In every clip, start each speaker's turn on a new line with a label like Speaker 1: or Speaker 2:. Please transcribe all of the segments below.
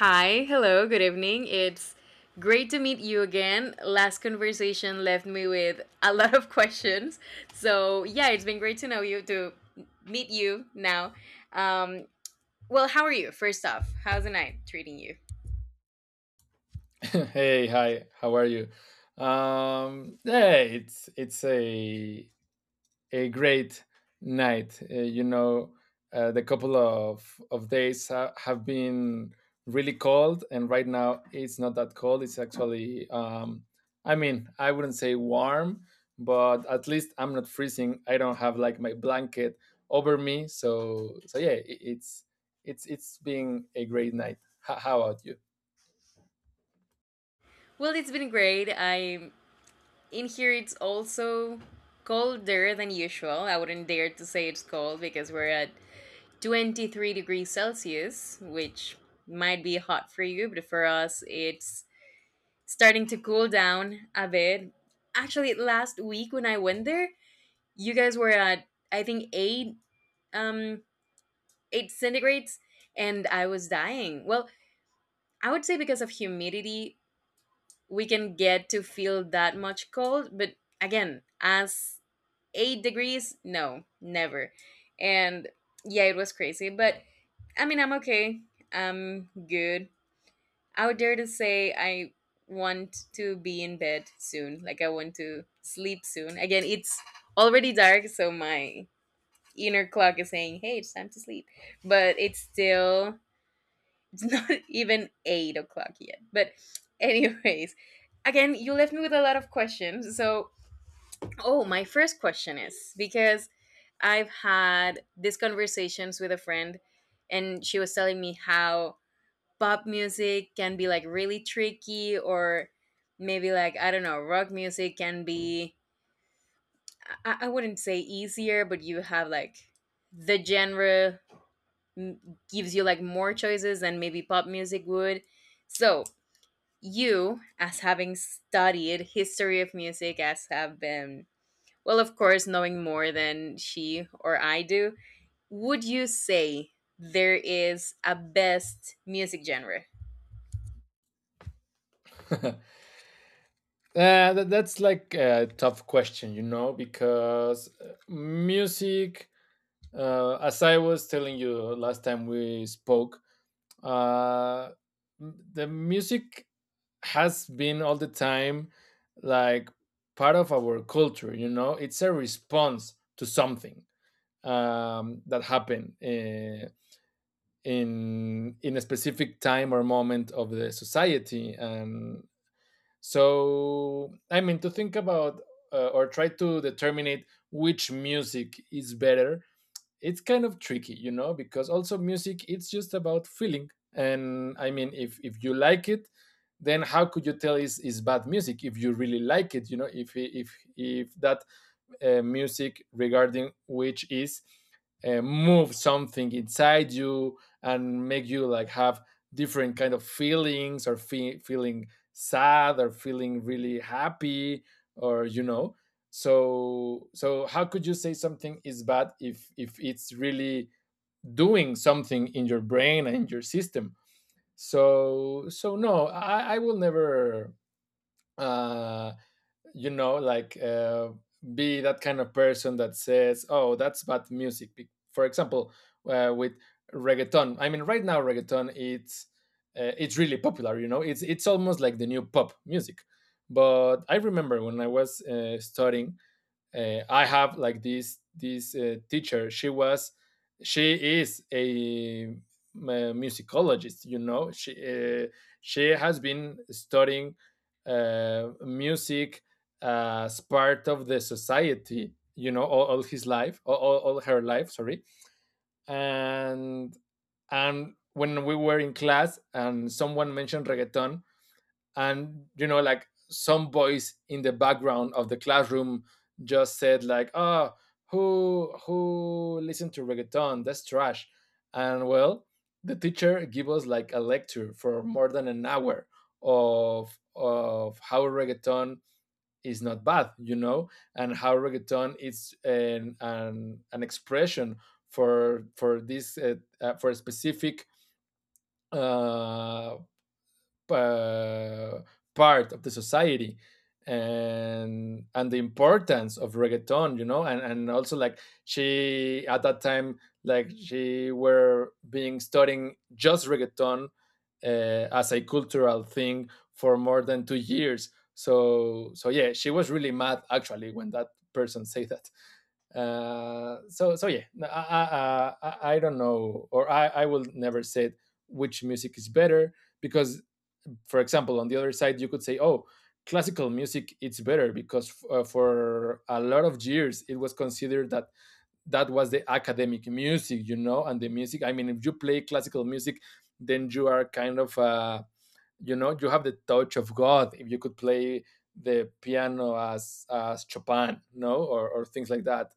Speaker 1: Hi, hello, good evening. It's great to meet you again. Last conversation left me with a lot of questions. So, yeah, it's been great to know you, to meet you now. Um, well, how are you? First off, how's the night treating you?
Speaker 2: Hey, hi. How are you? Yeah, it's a great night. The couple of days ha have been really cold, and right now it's not that cold. It's actually, I mean, I wouldn't say warm, but at least I'm not freezing. I don't have like my blanket over me, so so yeah, it's it's been a great night. How about you?
Speaker 1: Well, it's been great. I'm in here, it's also colder than usual. I wouldn't dare to say it's cold because we're at 23 degrees Celsius, which might be hot for you, but for us, it's starting to cool down a bit. Actually, last week when I went there, you guys were at I think um eight centigrades, and I was dying. Well, I would say because of humidity, we can get to feel that much cold, but again, as 8 degrees, no, never. And yeah, it was crazy, but I mean, I'm okay. I'm good. I would dare to say I want to be in bed soon. Like I want to sleep soon. Again, it's already dark, so my inner clock is saying, "Hey, it's time to sleep," but it's still it's not even 8 o'clock yet. But anyways, again, you left me with a lot of questions. So, oh, my first question is because I've had these conversations with a friend, and she was telling me how pop music can be like really tricky, or maybe like, I don't know, rock music can be, I wouldn't say easier, but you have like the genre, mm, gives you like more choices than maybe pop music would. So you, as having studied history of music, as have been, well, of course, knowing more than she or I do, would you say there is a best music genre?
Speaker 2: That's like a tough question, you know, because music, as I was telling you last time we spoke, uh, the music has been all the time like part of our culture, you know, it's a response to something that happened in a specific time or moment of the society, and so, I mean, to think about or try to determine which music is better, it's kind of tricky, you know, because also music, it's just about feeling. And I mean, if you like it, then how could you tell is bad music if you really like it? You know, if that music regarding which is move something inside you and make you like have different kind of feelings or feeling sad or feeling really happy, or you know, so so how could you say something is bad if it's really doing something in your brain and in your system? So so no, I will never uh you know, like be that kind of person that says, "Oh, that's bad music." For example, with reggaeton. I mean, right now reggaeton it's really popular. You know, it's almost like the new pop music. But I remember when I was studying, I have like this teacher. She was she is a musicologist. You know, she has been studying music as part of the society. You know, all his life, all her life. Sorry, and and when we were in class and someone mentioned reggaeton, and you know, like some voice in the background of the classroom just said like, oh, who listened to reggaeton, that's trash. And well, the teacher gave us like a lecture for more than an hour of how reggaeton is not bad, you know, and how reggaeton is an expression for this for a specific uh, uh, part of the society, and the importance of reggaeton, you know, and also like she at that time, like she were being studying just reggaeton, uh, as a cultural thing for more than 2 years. So so yeah, she was really mad actually when that person say that. So so yeah, no, I don't know, or I will never say which music is better, because for example on the other side you could say, oh, classical music it's better because for a lot of years it was considered that that was the academic music, you know, and the music, I mean, if you play classical music then you are kind of you know, you have the touch of god if you could play the piano as Chopin, no, or things like that,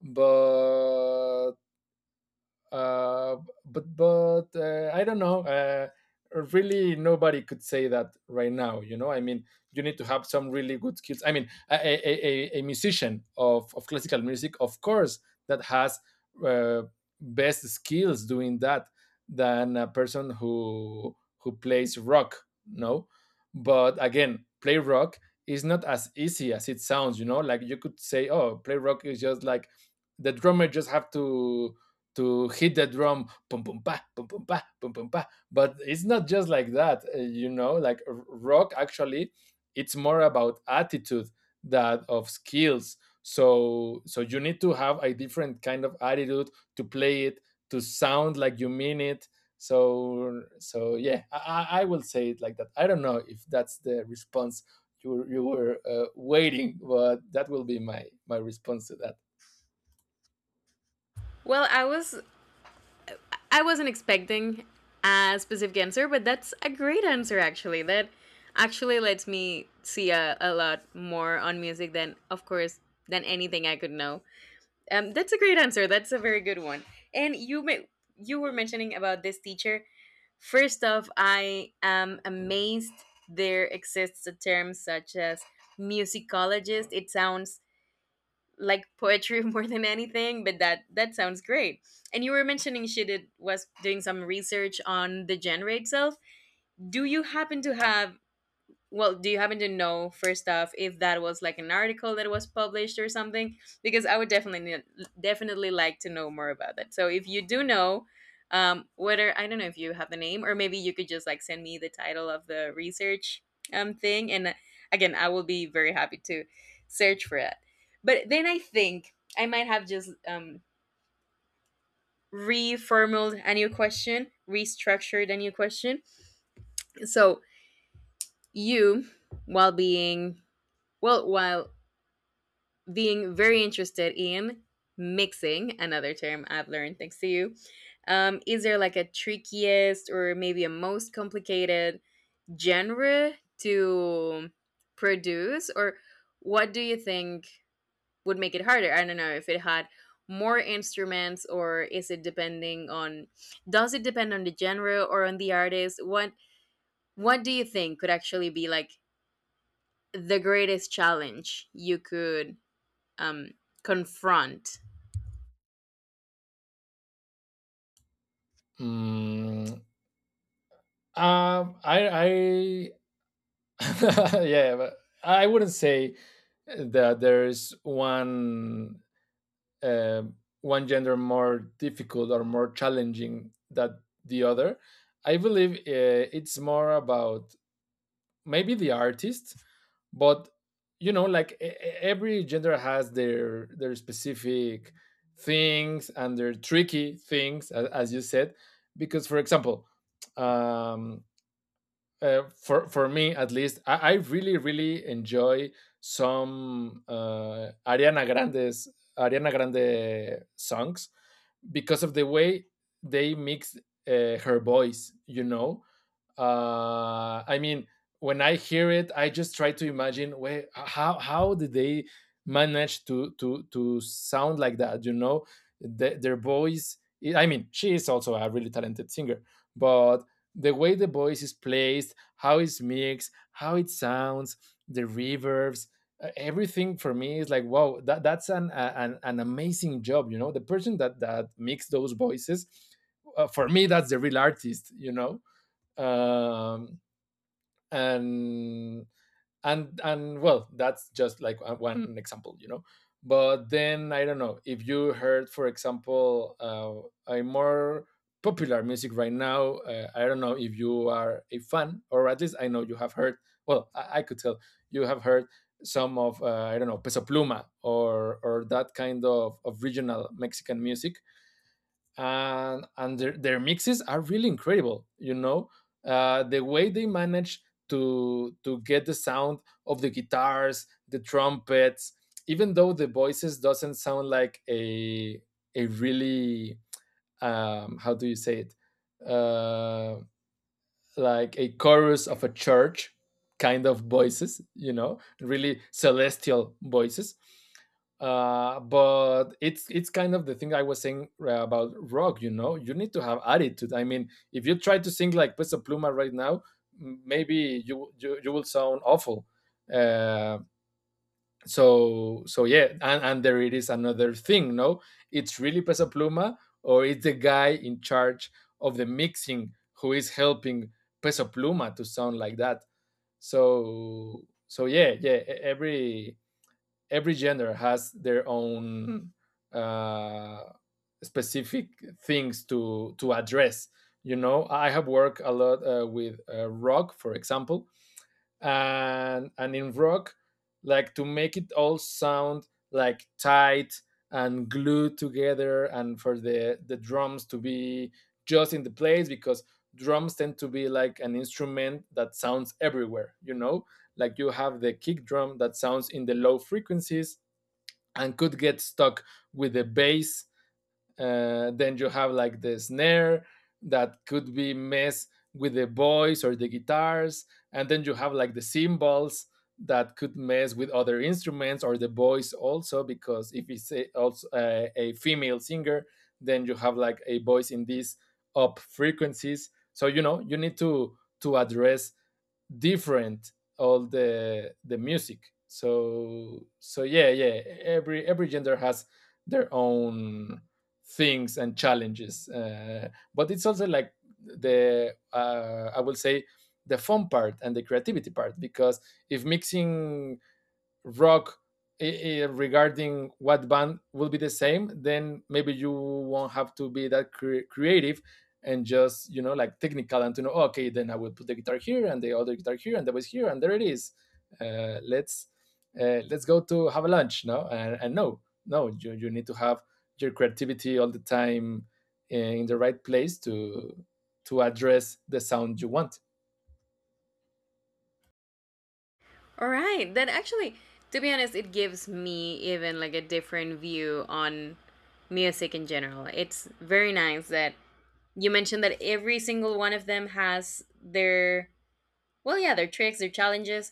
Speaker 2: but uh, I don't know. Really, nobody could say that right now. You know, I mean, you need to have some really good skills. I mean, a musician of classical music, of course, that has uh, best skills doing that than a person who plays rock. No, but again, play rock is not as easy as it sounds. You know, like you could say, oh, play rock is just like the drummer just have to hit the drum, pum pum pa pum pum pa pum pum pa, but it's not just like that. You know, like rock actually, it's more about attitude than of skills. So so you need to have a different kind of attitude to play it, to sound like you mean it. So so yeah, I, I will say it like that. I don't know if that's the response you were, waiting, but that will be my my response to that.
Speaker 1: Well, I was, I wasn't expecting a specific answer, but that's a great answer actually. That actually lets me see a lot more on music than, of course, than anything I could know. That's a great answer. That's a very good one. And you may, you were mentioning about this teacher. First off, I am amazed there exists a term such as musicologist. It sounds like poetry more than anything, but that, that sounds great. And you were mentioning she did, was doing some research on the genre itself. Do you happen to have, well, do you happen to know, first off, if that was like an article that was published or something, because I would definitely ne- definitely like to know more about that. So if you do know, whether, I don't know if you have the name, or maybe you could just like send me the title of the research thing. And again, I will be very happy to search for that. But then I think I might have just reformulated a new question, restructured a new question. So you, while being, well, while being very interested in mixing, another term I've learned thanks to you. Is there like a trickiest, or maybe a most complicated genre to produce, or what do you think would make it harder? I don't know if it had more instruments, or is it depending on, does it depend on the genre or on the artist? What do you think could actually be like the greatest challenge you could um confront?
Speaker 2: Mm. Um, I, yeah, but I wouldn't say that there's one um one gender more difficult or more challenging than the other. I believe it's more about maybe the artist, but you know, like every gender has their specific things and their tricky things, as you said, because for example. Um, for me at least, I really really enjoy some Ariana Grande songs because of the way they mix her voice. You know, I mean, when I hear it, I just try to imagine where how did they manage to sound like that? You know, their voice. I mean, she is also a really talented singer, but the way the voice is placed, how it's mixed, how it sounds, the reverbs, everything for me is like, wow, that that's an an amazing job. You know, the person that that mixed those voices. For me, that's the real artist, you know, um, and and well, that's just like one example, you know. But then I don't know if you heard, for example, a more popular music right now. I don't know if you are a fan, or at least I know you have heard, well, I could tell you have heard some of I don't know, Peso Pluma or that kind of regional Mexican music. And their mixes are really incredible, you know. The way they manage to get the sound of the guitars, the trumpets, even though the voices doesn't sound like a really how do you say it, like a chorus of a church kind of voices, you know, really celestial voices. But it's kind of the thing I was saying about rock. You know, you need to have attitude. I mean, if you try to sing like Peso Pluma right now, maybe you will sound awful. Um, so so yeah, and there it is another thing, no, it's really Pesa Pluma or it's the guy in charge of the mixing who is helping Peso Pluma to sound like that. So so yeah yeah, every genre has their own uh specific things to address. You know, I have worked a lot with rock, for example, and in rock, like to make it all sound like tight and glued together, and for the drums to be just in the place, because drums tend to be like an instrument that sounds everywhere, you know. Like you have the kick drum that sounds in the low frequencies and could get stuck with the bass. Then you have like the snare that could be messed with the voice or the guitars, and then you have like the cymbals that could mess with other instruments or the voice also, because if it's also a female singer, then you have like a voice in these up frequencies. So you know you need to address different all the music. So so yeah yeah, every gender has their own things and challenges. But it's also like the I will say, the fun part and the creativity part, because if mixing rock regarding what band will be the same, then maybe you won't have to be that creative and just, you know, like technical, and to know, okay, then I will put the guitar here and the other guitar here and the bass here and there it is. uh, let's let's go to have a lunch, no, and, and no no, you need to have your creativity all the time, eh, in the right place to address the sound you want.
Speaker 1: All right. Then actually, to be honest, it gives me even like a different view on music in general. It's very nice that you mentioned that every single one of them has their, well, yeah, their tricks, their challenges.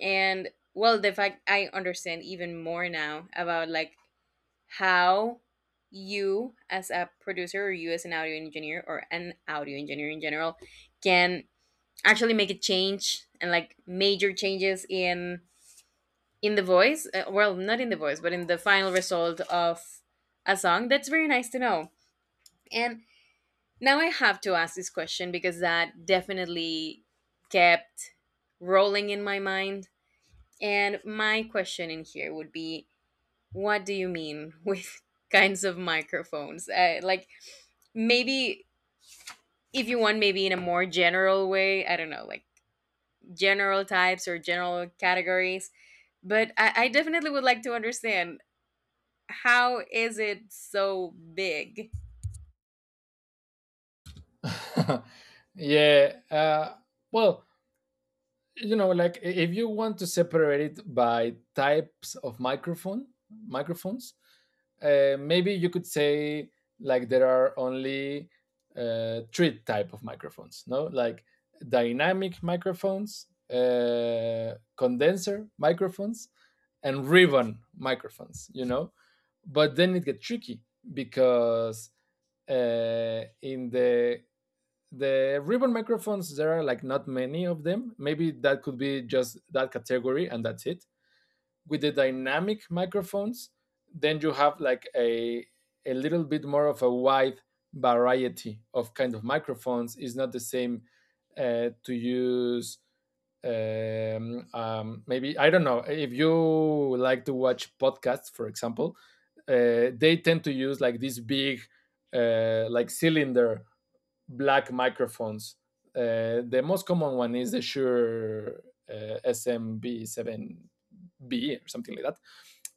Speaker 1: And well, the fact I understand even more now about like how you, as a producer, or you as an audio engineer, or an audio engineer in general, can actually make a change and like major changes in the voice, well, not in the voice, but in the final result of a song. That's very nice to know. And now I have to ask this question because that definitely kept rolling in my mind. And my question in here would be, what do you mean with kinds of microphones? Like maybe, if you want, maybe in a more general way, I don't know, like general types or general categories. But I definitely would like to understand, how is it so big?
Speaker 2: yeah. Well, you know, like, if you want to separate it by types of microphones, maybe you could say like there are only three type of microphones, no, like dynamic microphones, condenser microphones, and ribbon microphones, you know. But then it gets tricky, because in the ribbon microphones there are like not many of them, maybe that could be just that category and that's it. With the dynamic microphones, then you have like a little bit more of a wide variety of kind of microphones. It's not the same to use maybe, I don't know if you like to watch podcasts, for example. They tend to use like this big like cylinder black microphones. The most common one is the Shure SMB7B or something like that.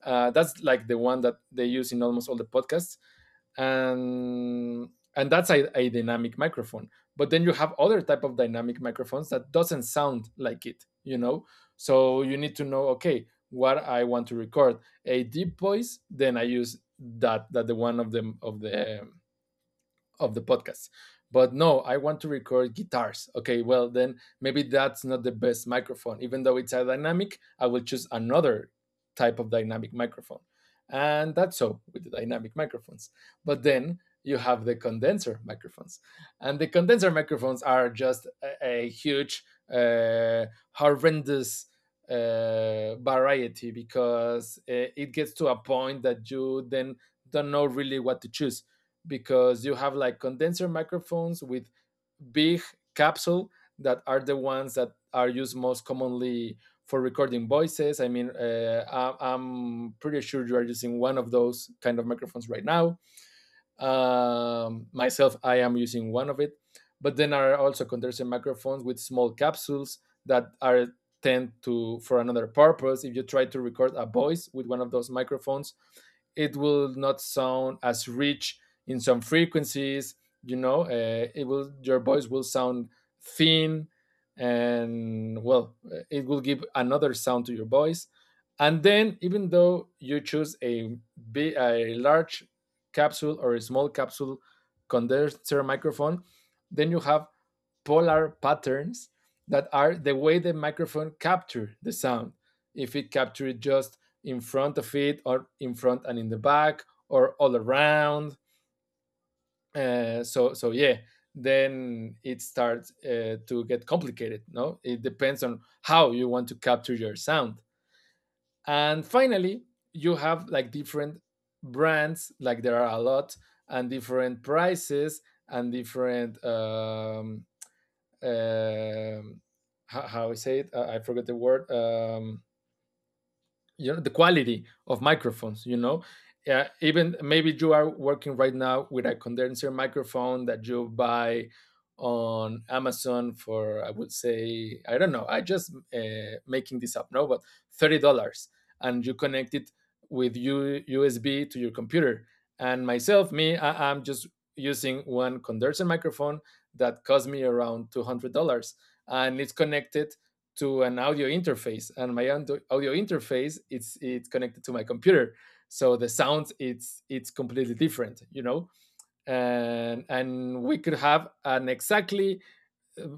Speaker 2: That's like the one that they use in almost all the podcasts, and and that's a dynamic microphone. But then you have other type of dynamic microphones that doesn't sound like it. So you need to know, okay, what I want to record. A deep voice, then I use that the one of the of the podcast. But no, I want to record guitars. Okay, well then maybe that's not the best microphone. Even though it's a dynamic, I will choose another type of dynamic microphone. And that's so with the dynamic microphones. But then you have the condenser microphones, and the condenser microphones are just a huge, uh, horrendous variety, because it gets to a point that you then don't know really what to choose. Because you have like condenser microphones with big capsule that are the ones that are used most commonly for recording voices. I mean, I'm pretty sure you are using one of those kind of microphones right now. Myself I am using one of it. But then are also condenser microphones with small capsules that are tend to for another purpose. If you try to record a voice with one of those microphones, it will not sound as rich in some frequencies. Your voice will sound thin, and well, it will give another sound to your voice. And then, even though you choose a, big, a large capsule or a small capsule condenser microphone, then you have polar patterns that are the way the microphone captures the sound. If it captures it just in front of it, or in front and in the back, or all around. So yeah, then it starts to get complicated. No, it depends on how you want to capture your sound. And finally, you have like different brands, like there are a lot, and different prices and different um how I say it, I forgot the word. You know, the quality of microphones, you know. Yeah, even maybe you are working right now with a condenser microphone that you buy on Amazon for, I would say, I don't know, I just making this up, no, but $30, and you connect it with USB to your computer. And myself, I'm just using one condenser microphone that cost me around $200, and it's connected to an audio interface, and my audio interface it's connected to my computer. So the sound it's completely different, you know. And we could have an exactly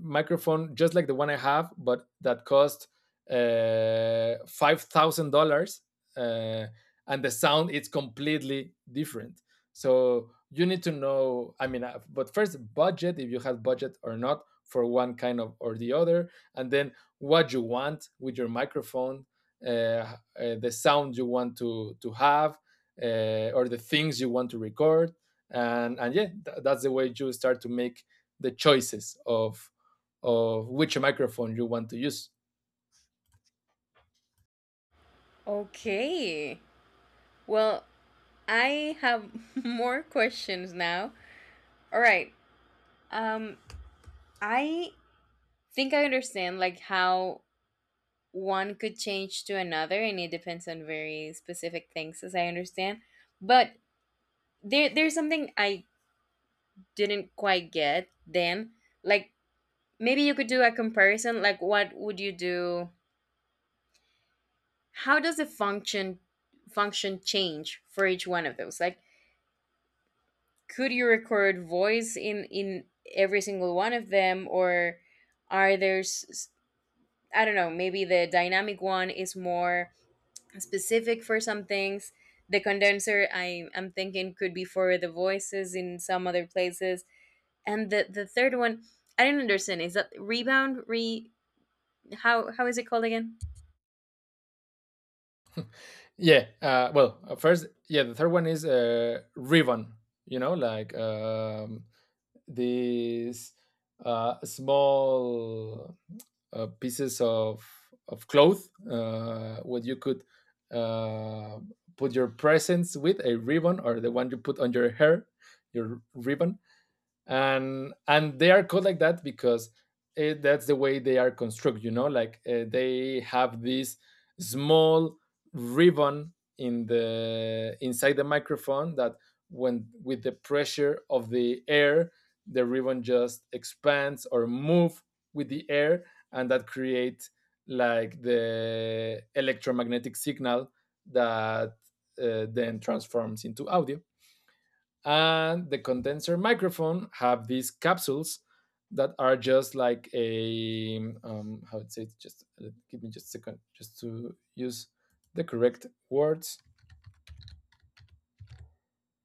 Speaker 2: microphone just like the one I have, but that cost 5,000 dollars, uh, and the sound is completely different. So you need to know. But first, budget, if you have budget or not for one kind of or the other, and then what you want with your microphone, uh, uh, the sound you want to have, or the things you want to record, and yeah, th that's the way you start to make the choices of which microphone you want to use.
Speaker 1: Okay. Well, I have more questions now. All right. Um I think I understand like how one could change to another, and it depends on very specific things, as I understand. But there's something I didn't quite get then. Like maybe you could do a comparison. Like, what would you do? How does the function change for each one of those? Like could you record voice in every single one of them, or are there I don't know, maybe the dynamic one is more specific for some things, the condenser, I, I'm thinking could be for the voices in some other places, and the third one I didn't understand, is that rebound re, how is it called again?
Speaker 2: Yeah. First, yeah, the third one is ribbon. You know, like these small pieces of cloth, what you could uh, put your presents with a ribbon, or the one you put on your hair, your ribbon. And they are called like that because that's the way they are constructed, you know. Like they have this small ribbon in the inside the microphone that when with the pressure of the air, the ribbon just expands or move with the air, and that creates like the electromagnetic signal that then transforms into audio. And the condenser microphone have these capsules that are just like a how it says, just give me just a second just to use the correct words.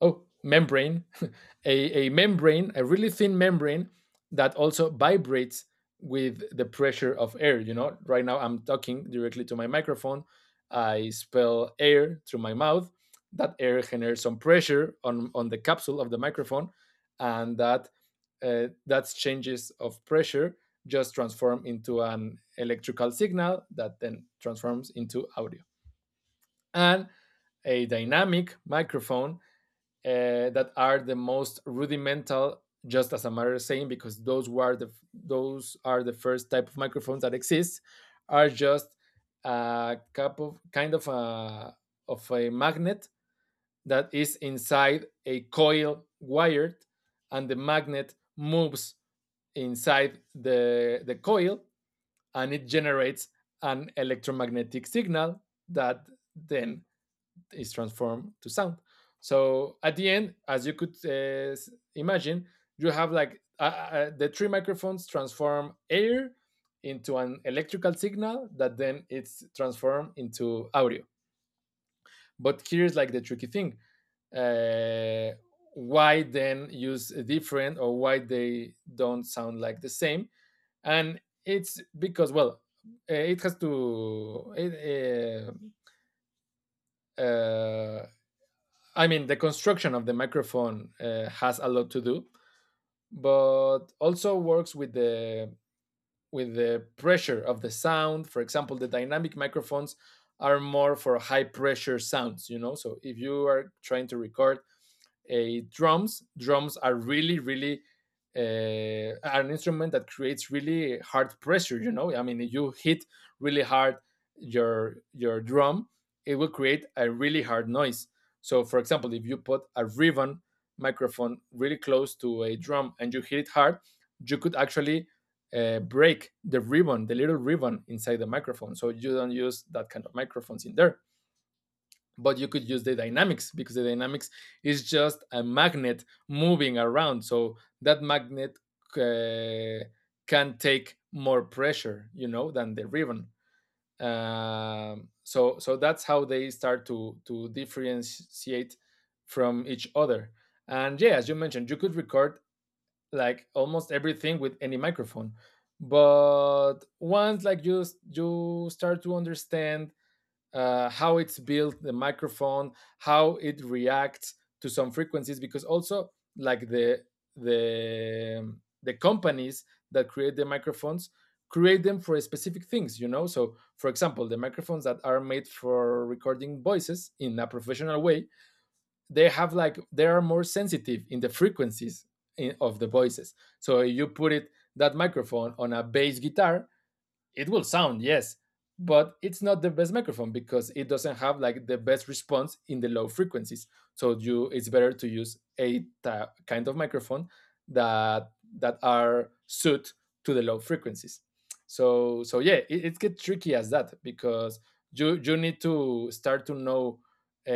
Speaker 2: Oh, membrane. A membrane, a really thin membrane that also vibrates with the pressure of air. You know, right now I'm talking directly to my microphone. I spell air through my mouth. That air generates some pressure on the capsule of the microphone, and that that's changes of pressure just transform into an electrical signal that then transforms into audio. And a dynamic microphone, that are the most rudimental, just as a matter of saying, because those are the first type of microphones that exist, are just a cup of kind of a magnet that is inside a coil wired, and the magnet moves inside the coil, and it generates an electromagnetic signal that then is transformed to sound. So at the end, as you could imagine, you have like the three microphones transform air into an electrical signal that then it's transformed into audio. But here's like the tricky thing, uh, why then use a different, or why they don't sound like the same. And it's because, well, it has to it, uh, uh, I mean, the construction of the microphone has a lot to do, but also works with the pressure of the sound. For example, the dynamic microphones are more for high pressure sounds, you know. So if you are trying to record a drums. Drums are really, really an instrument that creates really hard pressure. You know, I mean, if you hit really hard your drum, it will create a really hard noise. So, for example, if you put a ribbon microphone really close to a drum and you hit it hard, you could actually break the ribbon, the little ribbon inside the microphone. So you don't use that kind of microphones in there, but you could use the dynamics, because the dynamics is just a magnet moving around, so that magnet uh, can take more pressure, you know, than the ribbon. So that's how they start to differentiate from each other. And yeah, as you mentioned, you could record like almost everything with any microphone, but once like you start to understand how it's built, the microphone, how it reacts to some frequencies, because also like the the companies that create the microphones create them for specific things, you know. So for example, the microphones that are made for recording voices in a professional way, they have like they are more sensitive in the frequencies in, of the voices. So you put it that microphone on a bass guitar, it will sound, yes, but it's not the best microphone because it doesn't have like the best response in the low frequencies. So you, it's better to use a kind of microphone that that are suited to the low frequencies. So so yeah, it gets tricky as that because you need to start to know uh,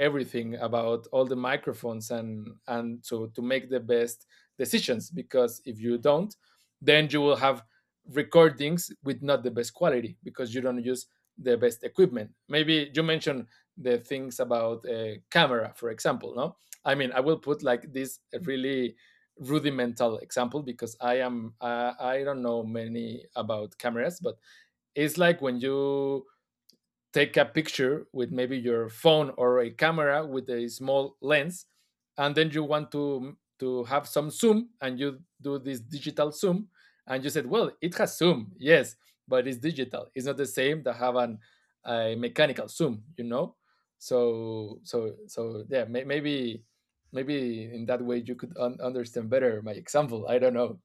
Speaker 2: everything about all the microphones, and so to make the best decisions, because if you don't, then you will have recordings with not the best quality, because you don't use the best equipment. Maybe you mentioned the things about a camera, for example. No, I mean, I will put like this really rudimental example because I am I don't know many about cameras, but it's like when you take a picture with maybe your phone or a camera with a small lens, and then you want to to have some zoom, and you do this digital zoom, and you said, well, it has zoom, yes, but it's digital, it's not the same that have an a mechanical zoom, you know. So yeah, maybe maybe in that way you could understand better my example, I don't know.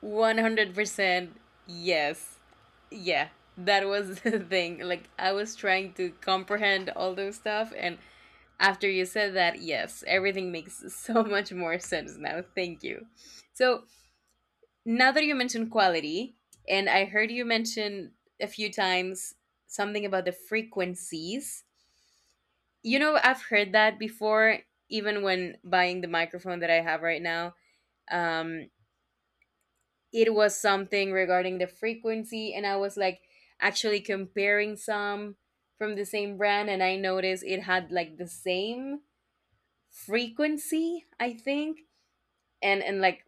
Speaker 1: 100%, yes, yeah, that was the thing, like I was trying to comprehend all those stuff. And after you said that, yes, everything makes so much more sense now. Thank you. So, now that you mentioned quality, and I heard you mention a few times something about the frequencies, you know, I've heard that before, even when buying the microphone that I have right now. Um, it was something regarding the frequency, and I was like actually comparing some from the same brand, and I noticed it had like the same frequency, I think. And like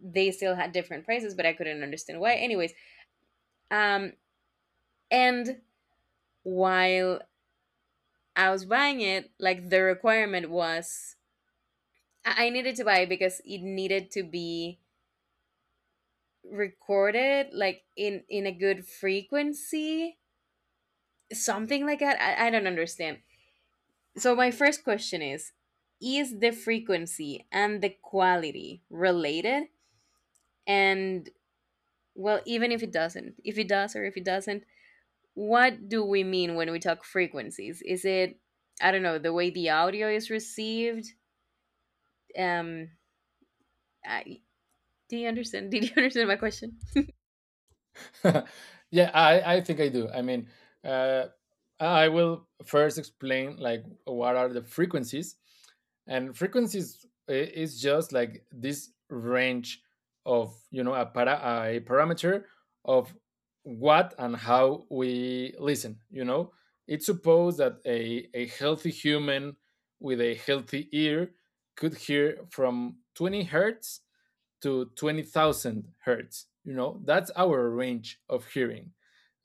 Speaker 1: they still had different prices, but I couldn't understand why. Anyways, um, and while I was buying it, like the requirement was I needed to buy it because it needed to be recorded like in a good frequency, something like that. I don't understand. So my first question is the frequency and the quality related? And well, even if it doesn't, if it does or if it doesn't, what do we mean when we talk frequencies? Is it, I don't know, the way the audio is received? Um, I, do you understand? Did you understand my question?
Speaker 2: Yeah, I think I do. I mean, uh, I will first explain like what are the frequencies. And frequencies is just like this range of, you know, a parameter of what and how we listen. You know, it's supposed that a healthy human with a healthy ear could hear from 20 hertz to 20,000 hertz. You know, that's our range of hearing,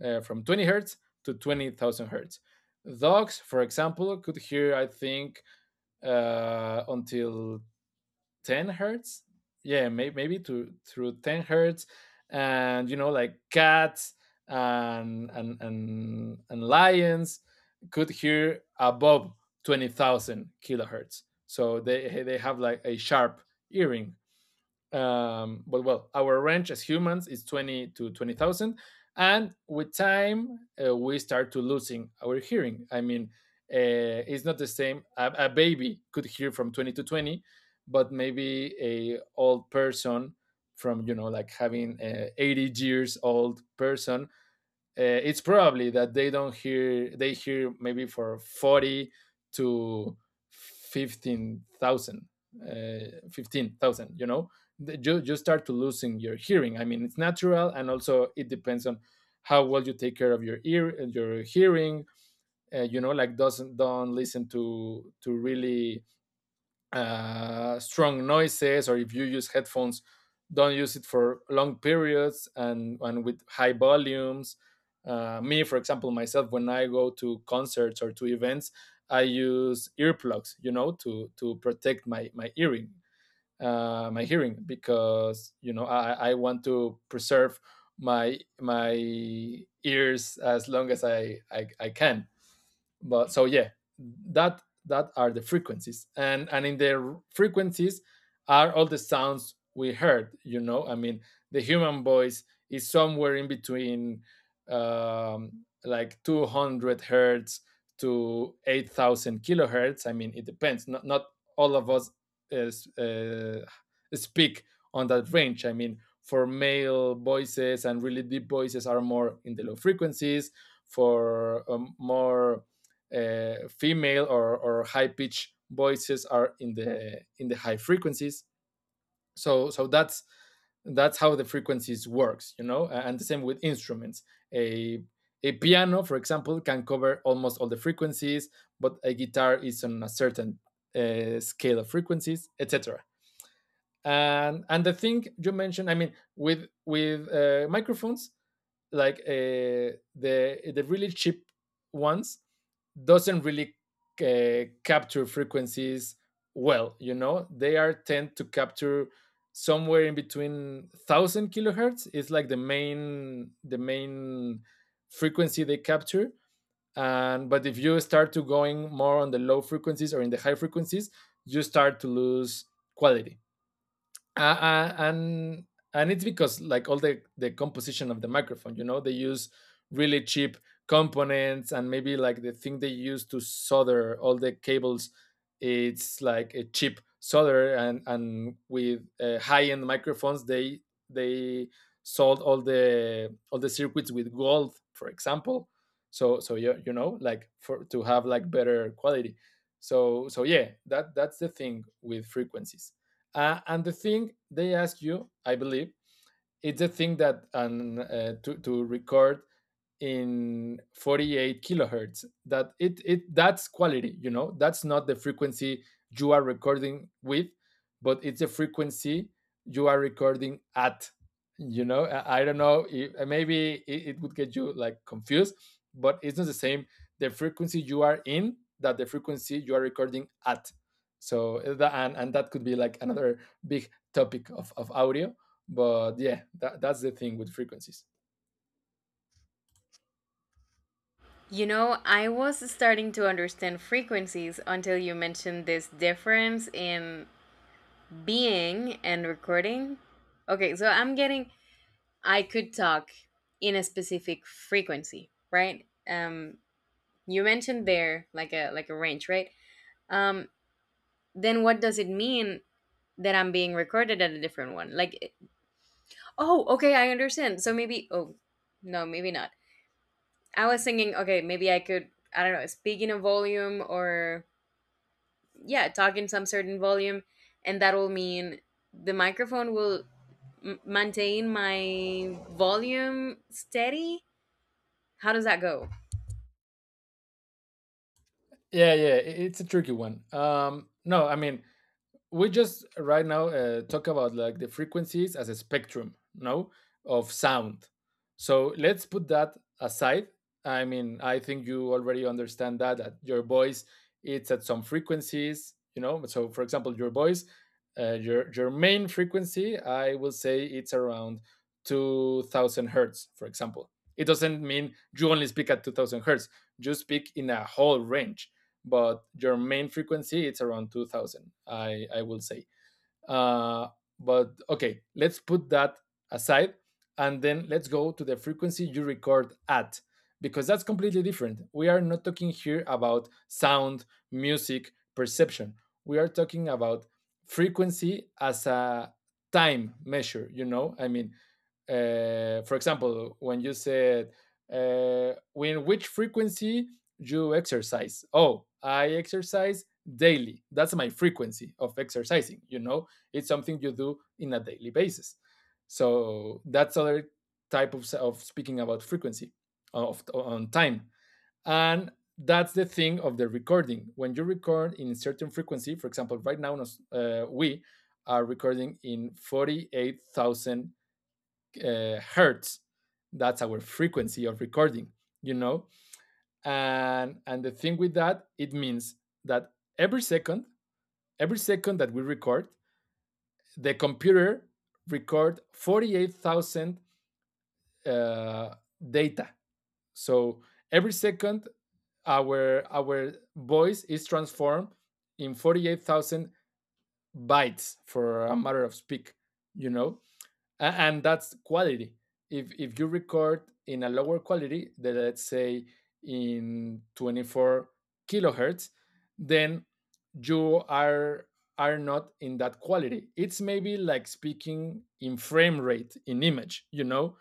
Speaker 2: from 20 hertz to 20,000 hertz. Dogs, for example, could hear, I think, until 10 hertz. Yeah, maybe to through 10 hertz. And, you know, like cats and lions could hear above 20,000 kilohertz. So they have like a sharp earring. But well, our range as humans is 20 to 20,000. And with time, we start to losing our hearing. I mean, it's not the same. A baby could hear from 20 to 20, but maybe a old person from, like having a 80 years old person it's probably that they don't hear they hear maybe for 40 to 15,000, 15,000. You start to losing your hearing. I mean, it's natural, and also it depends on how well you take care of your ear your hearing. Doesn't don't listen to really strong noises, or if you use headphones, don't use it for long periods and, with high volumes. Me, for example, myself, when I go to concerts or to events, I use earplugs, to protect my hearing, because I want to preserve my ears as long as I can. But so yeah, that are the frequencies, and in the frequencies are all the sounds we heard. The human voice is somewhere in between, like 200 hertz to 8,000 kilohertz. I mean, it depends. Not all of us is, uh, speak on that range. I mean, for male voices and really deep voices are more in the low frequencies, for more female or high pitched voices are in the high frequencies. So that's how the frequencies works, you know. And the same with instruments. A a piano, for example, can cover almost all the frequencies, but a guitar is on a certain scale of frequencies, etc. And the thing you mentioned, I mean, with microphones, like the really cheap ones doesn't really capture frequencies well. They are tend to capture somewhere in between 1,000 kilohertz. It's like the main frequency they capture. And but if you start to going more on the low frequencies or in the high frequencies, you start to lose quality, and it's because like all the composition of the microphone. They use really cheap components, and maybe like the thing they use to solder all the cables, it's like a cheap solder. And with high-end microphones, they they sold all the circuits with gold, for example. So you know, like, for to have like better quality. So yeah, that's the thing with frequencies. And the thing they ask you, I believe, it's the thing that to, record in 48 kilohertz, that it that's quality. That's not the frequency you are recording with, but it's a frequency you are recording at. I don't know, if maybe it would get you like confused, but it's not the same, the frequency you are in that the frequency you are recording at. So and, that could be like another big topic of audio. But yeah, that's the thing with frequencies.
Speaker 1: You know, I was starting to understand frequencies until you mentioned this difference in being and recording. Okay, so I'm getting, I could talk in a specific frequency, right? You mentioned there like a range, right? Um, then what does it mean that I'm being recorded at a different one? Like, it- oh, okay, I understand. So maybe, oh, no, maybe not. I was thinking, okay, maybe I could, I don't know, speak in a volume, or, yeah, talk in some certain volume, and that will mean the microphone will maintain my volume steady. How does that go?
Speaker 2: Yeah, yeah, it's a tricky one. No, I mean, we just right now talk about like the frequencies as a spectrum, no, of sound. So let's put that aside. I mean, I think you already understand that your voice it's at some frequencies. So for example, your voice, your main frequency, I will say it's around 2,000 hertz, for example. It doesn't mean you only speak at 2,000 hertz. You speak in a whole range, but your main frequency it's around 2000, I will say uh, but okay, let's put that aside, and then let's go to the frequency you record at, because that's completely different. We are not talking here about sound, music, perception. We are talking about frequency as a time measure, you know? I mean, for example, when you said, when which frequency you exercise? Oh, I exercise daily. That's my frequency of exercising, you know? It's something you do in a daily basis. So that's other type of speaking about frequency of on time. And that's the thing of the recording. When you record in a certain frequency, for example, right now we are recording in 48,000 hertz. That's our frequency of recording, you know? And the thing with that, it means that every second, every second that we record, the computer record 48,000 uh, data. So every second, our voice is transformed in 48,000 bytes for a matter of speak. You know, and that's quality. If if you record in a lower quality, that let's say in 24 kilohertz, then you are not in that quality. It's maybe like speaking in frame rate in image,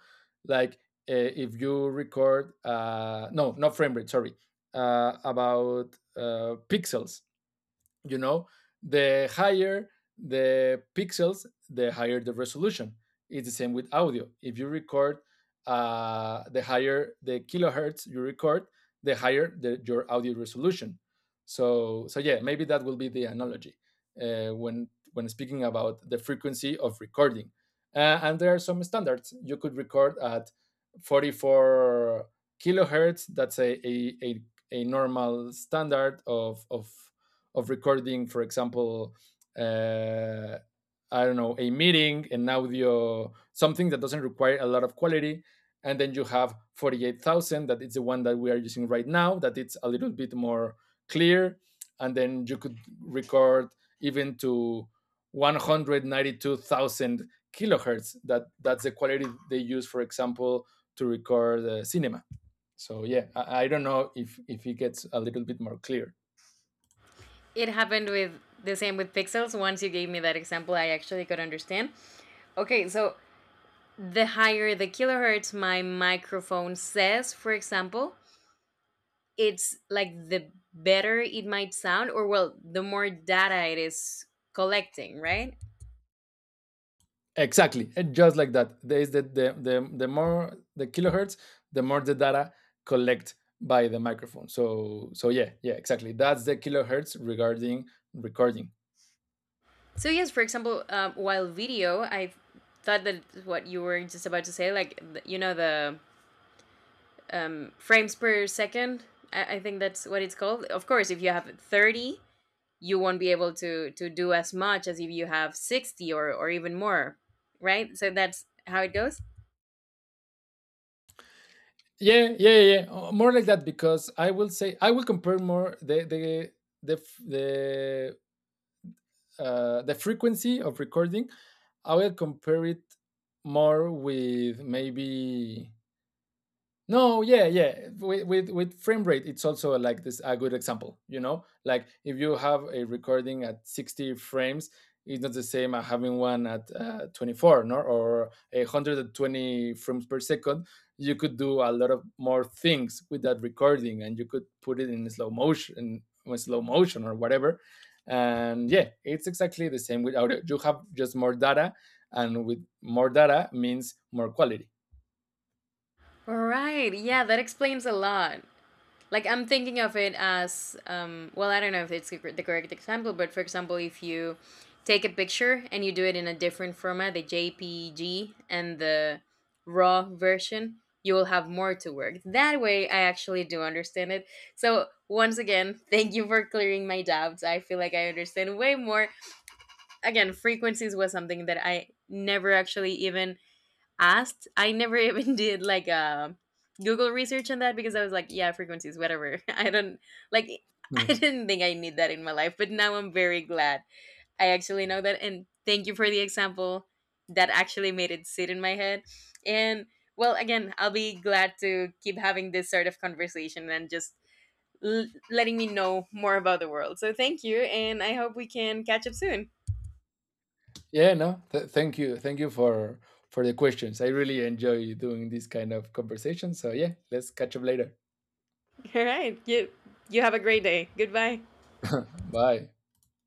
Speaker 2: like if you record, no, not frame rate, sorry, about pixels. you know the higher the pixels, the higher the resolution. It's the same with audio. If you record, the higher the kilohertz you record, the higher your audio resolution. So yeah, maybe that will be the analogy when speaking about the frequency of recording. And there are some standards. You could record at 44 kilohertz. That's a normal standard of recording, for example, uh, I don't know, a meeting, an audio, something that doesn't require a lot of quality. And then you have 48,000, that is the one that we are using right now, that it's a little bit more clear. And then you could record even to 192,000 kilohertz. That's the quality they use, for example, to record cinema. So yeah, I don't know if it gets a little bit more clear.
Speaker 1: It happened with the same with pixels. Once you gave me that example, I actually could understand. Okay, so the higher the kilohertz my microphone says, for example, it's like the better it might sound, or well, the more data it is collecting, right?
Speaker 2: Exactly, and just like that, there is the more the kilohertz, the more the data collect by the microphone. So yeah, yeah, exactly. That's the kilohertz regarding recording.
Speaker 1: So, yes, for example, while video, I thought that what you were just about to say, like, th- you know, the frames per second, I think that's what it's called. Of course, if you have 30, you won't be able to do as much as if you have 60 or even more, right? So, that's how it goes.
Speaker 2: Yeah, yeah, yeah, yeah. More like that, because I will compare more the f- the the frequency of recording. I will compare it more with maybe, no, yeah, yeah. With, with frame rate, it's also like this, a good example. If you have a recording at 60 frames, it's not the same as having one at 24, no, or 120 frames per second. You could do a lot of more things with that recording, and you could put it in slow motion or whatever. And yeah, it's exactly the same with audio. You have just more data, and with more data means more quality.
Speaker 1: Right. Yeah, that explains a lot. Like I'm thinking of it as, well, I don't know if it's the the correct example, but for example, if you take a picture and you do it in a different format, the JPG and the raw version, you will have more to work. That way, I actually do understand it. So, once again, thank you for clearing my doubts. I feel like I understand way more. Again, frequencies was something that I never actually even asked. I never even did like a Google research on that because I was like, yeah, frequencies, whatever. I don't like I didn't think I need that in my life, but now I'm very glad I actually know that, and thank you for the example that actually made it sit in my head. And well, again, I'll be glad to keep having this sort of conversation and just letting me know more about the world. So thank you, and I hope we can catch up soon.
Speaker 2: Yeah, no. Thank you for the questions. I really enjoy doing this kind of conversation. So yeah, let's catch up later.
Speaker 1: All right. You have a great day. Goodbye.
Speaker 2: Bye.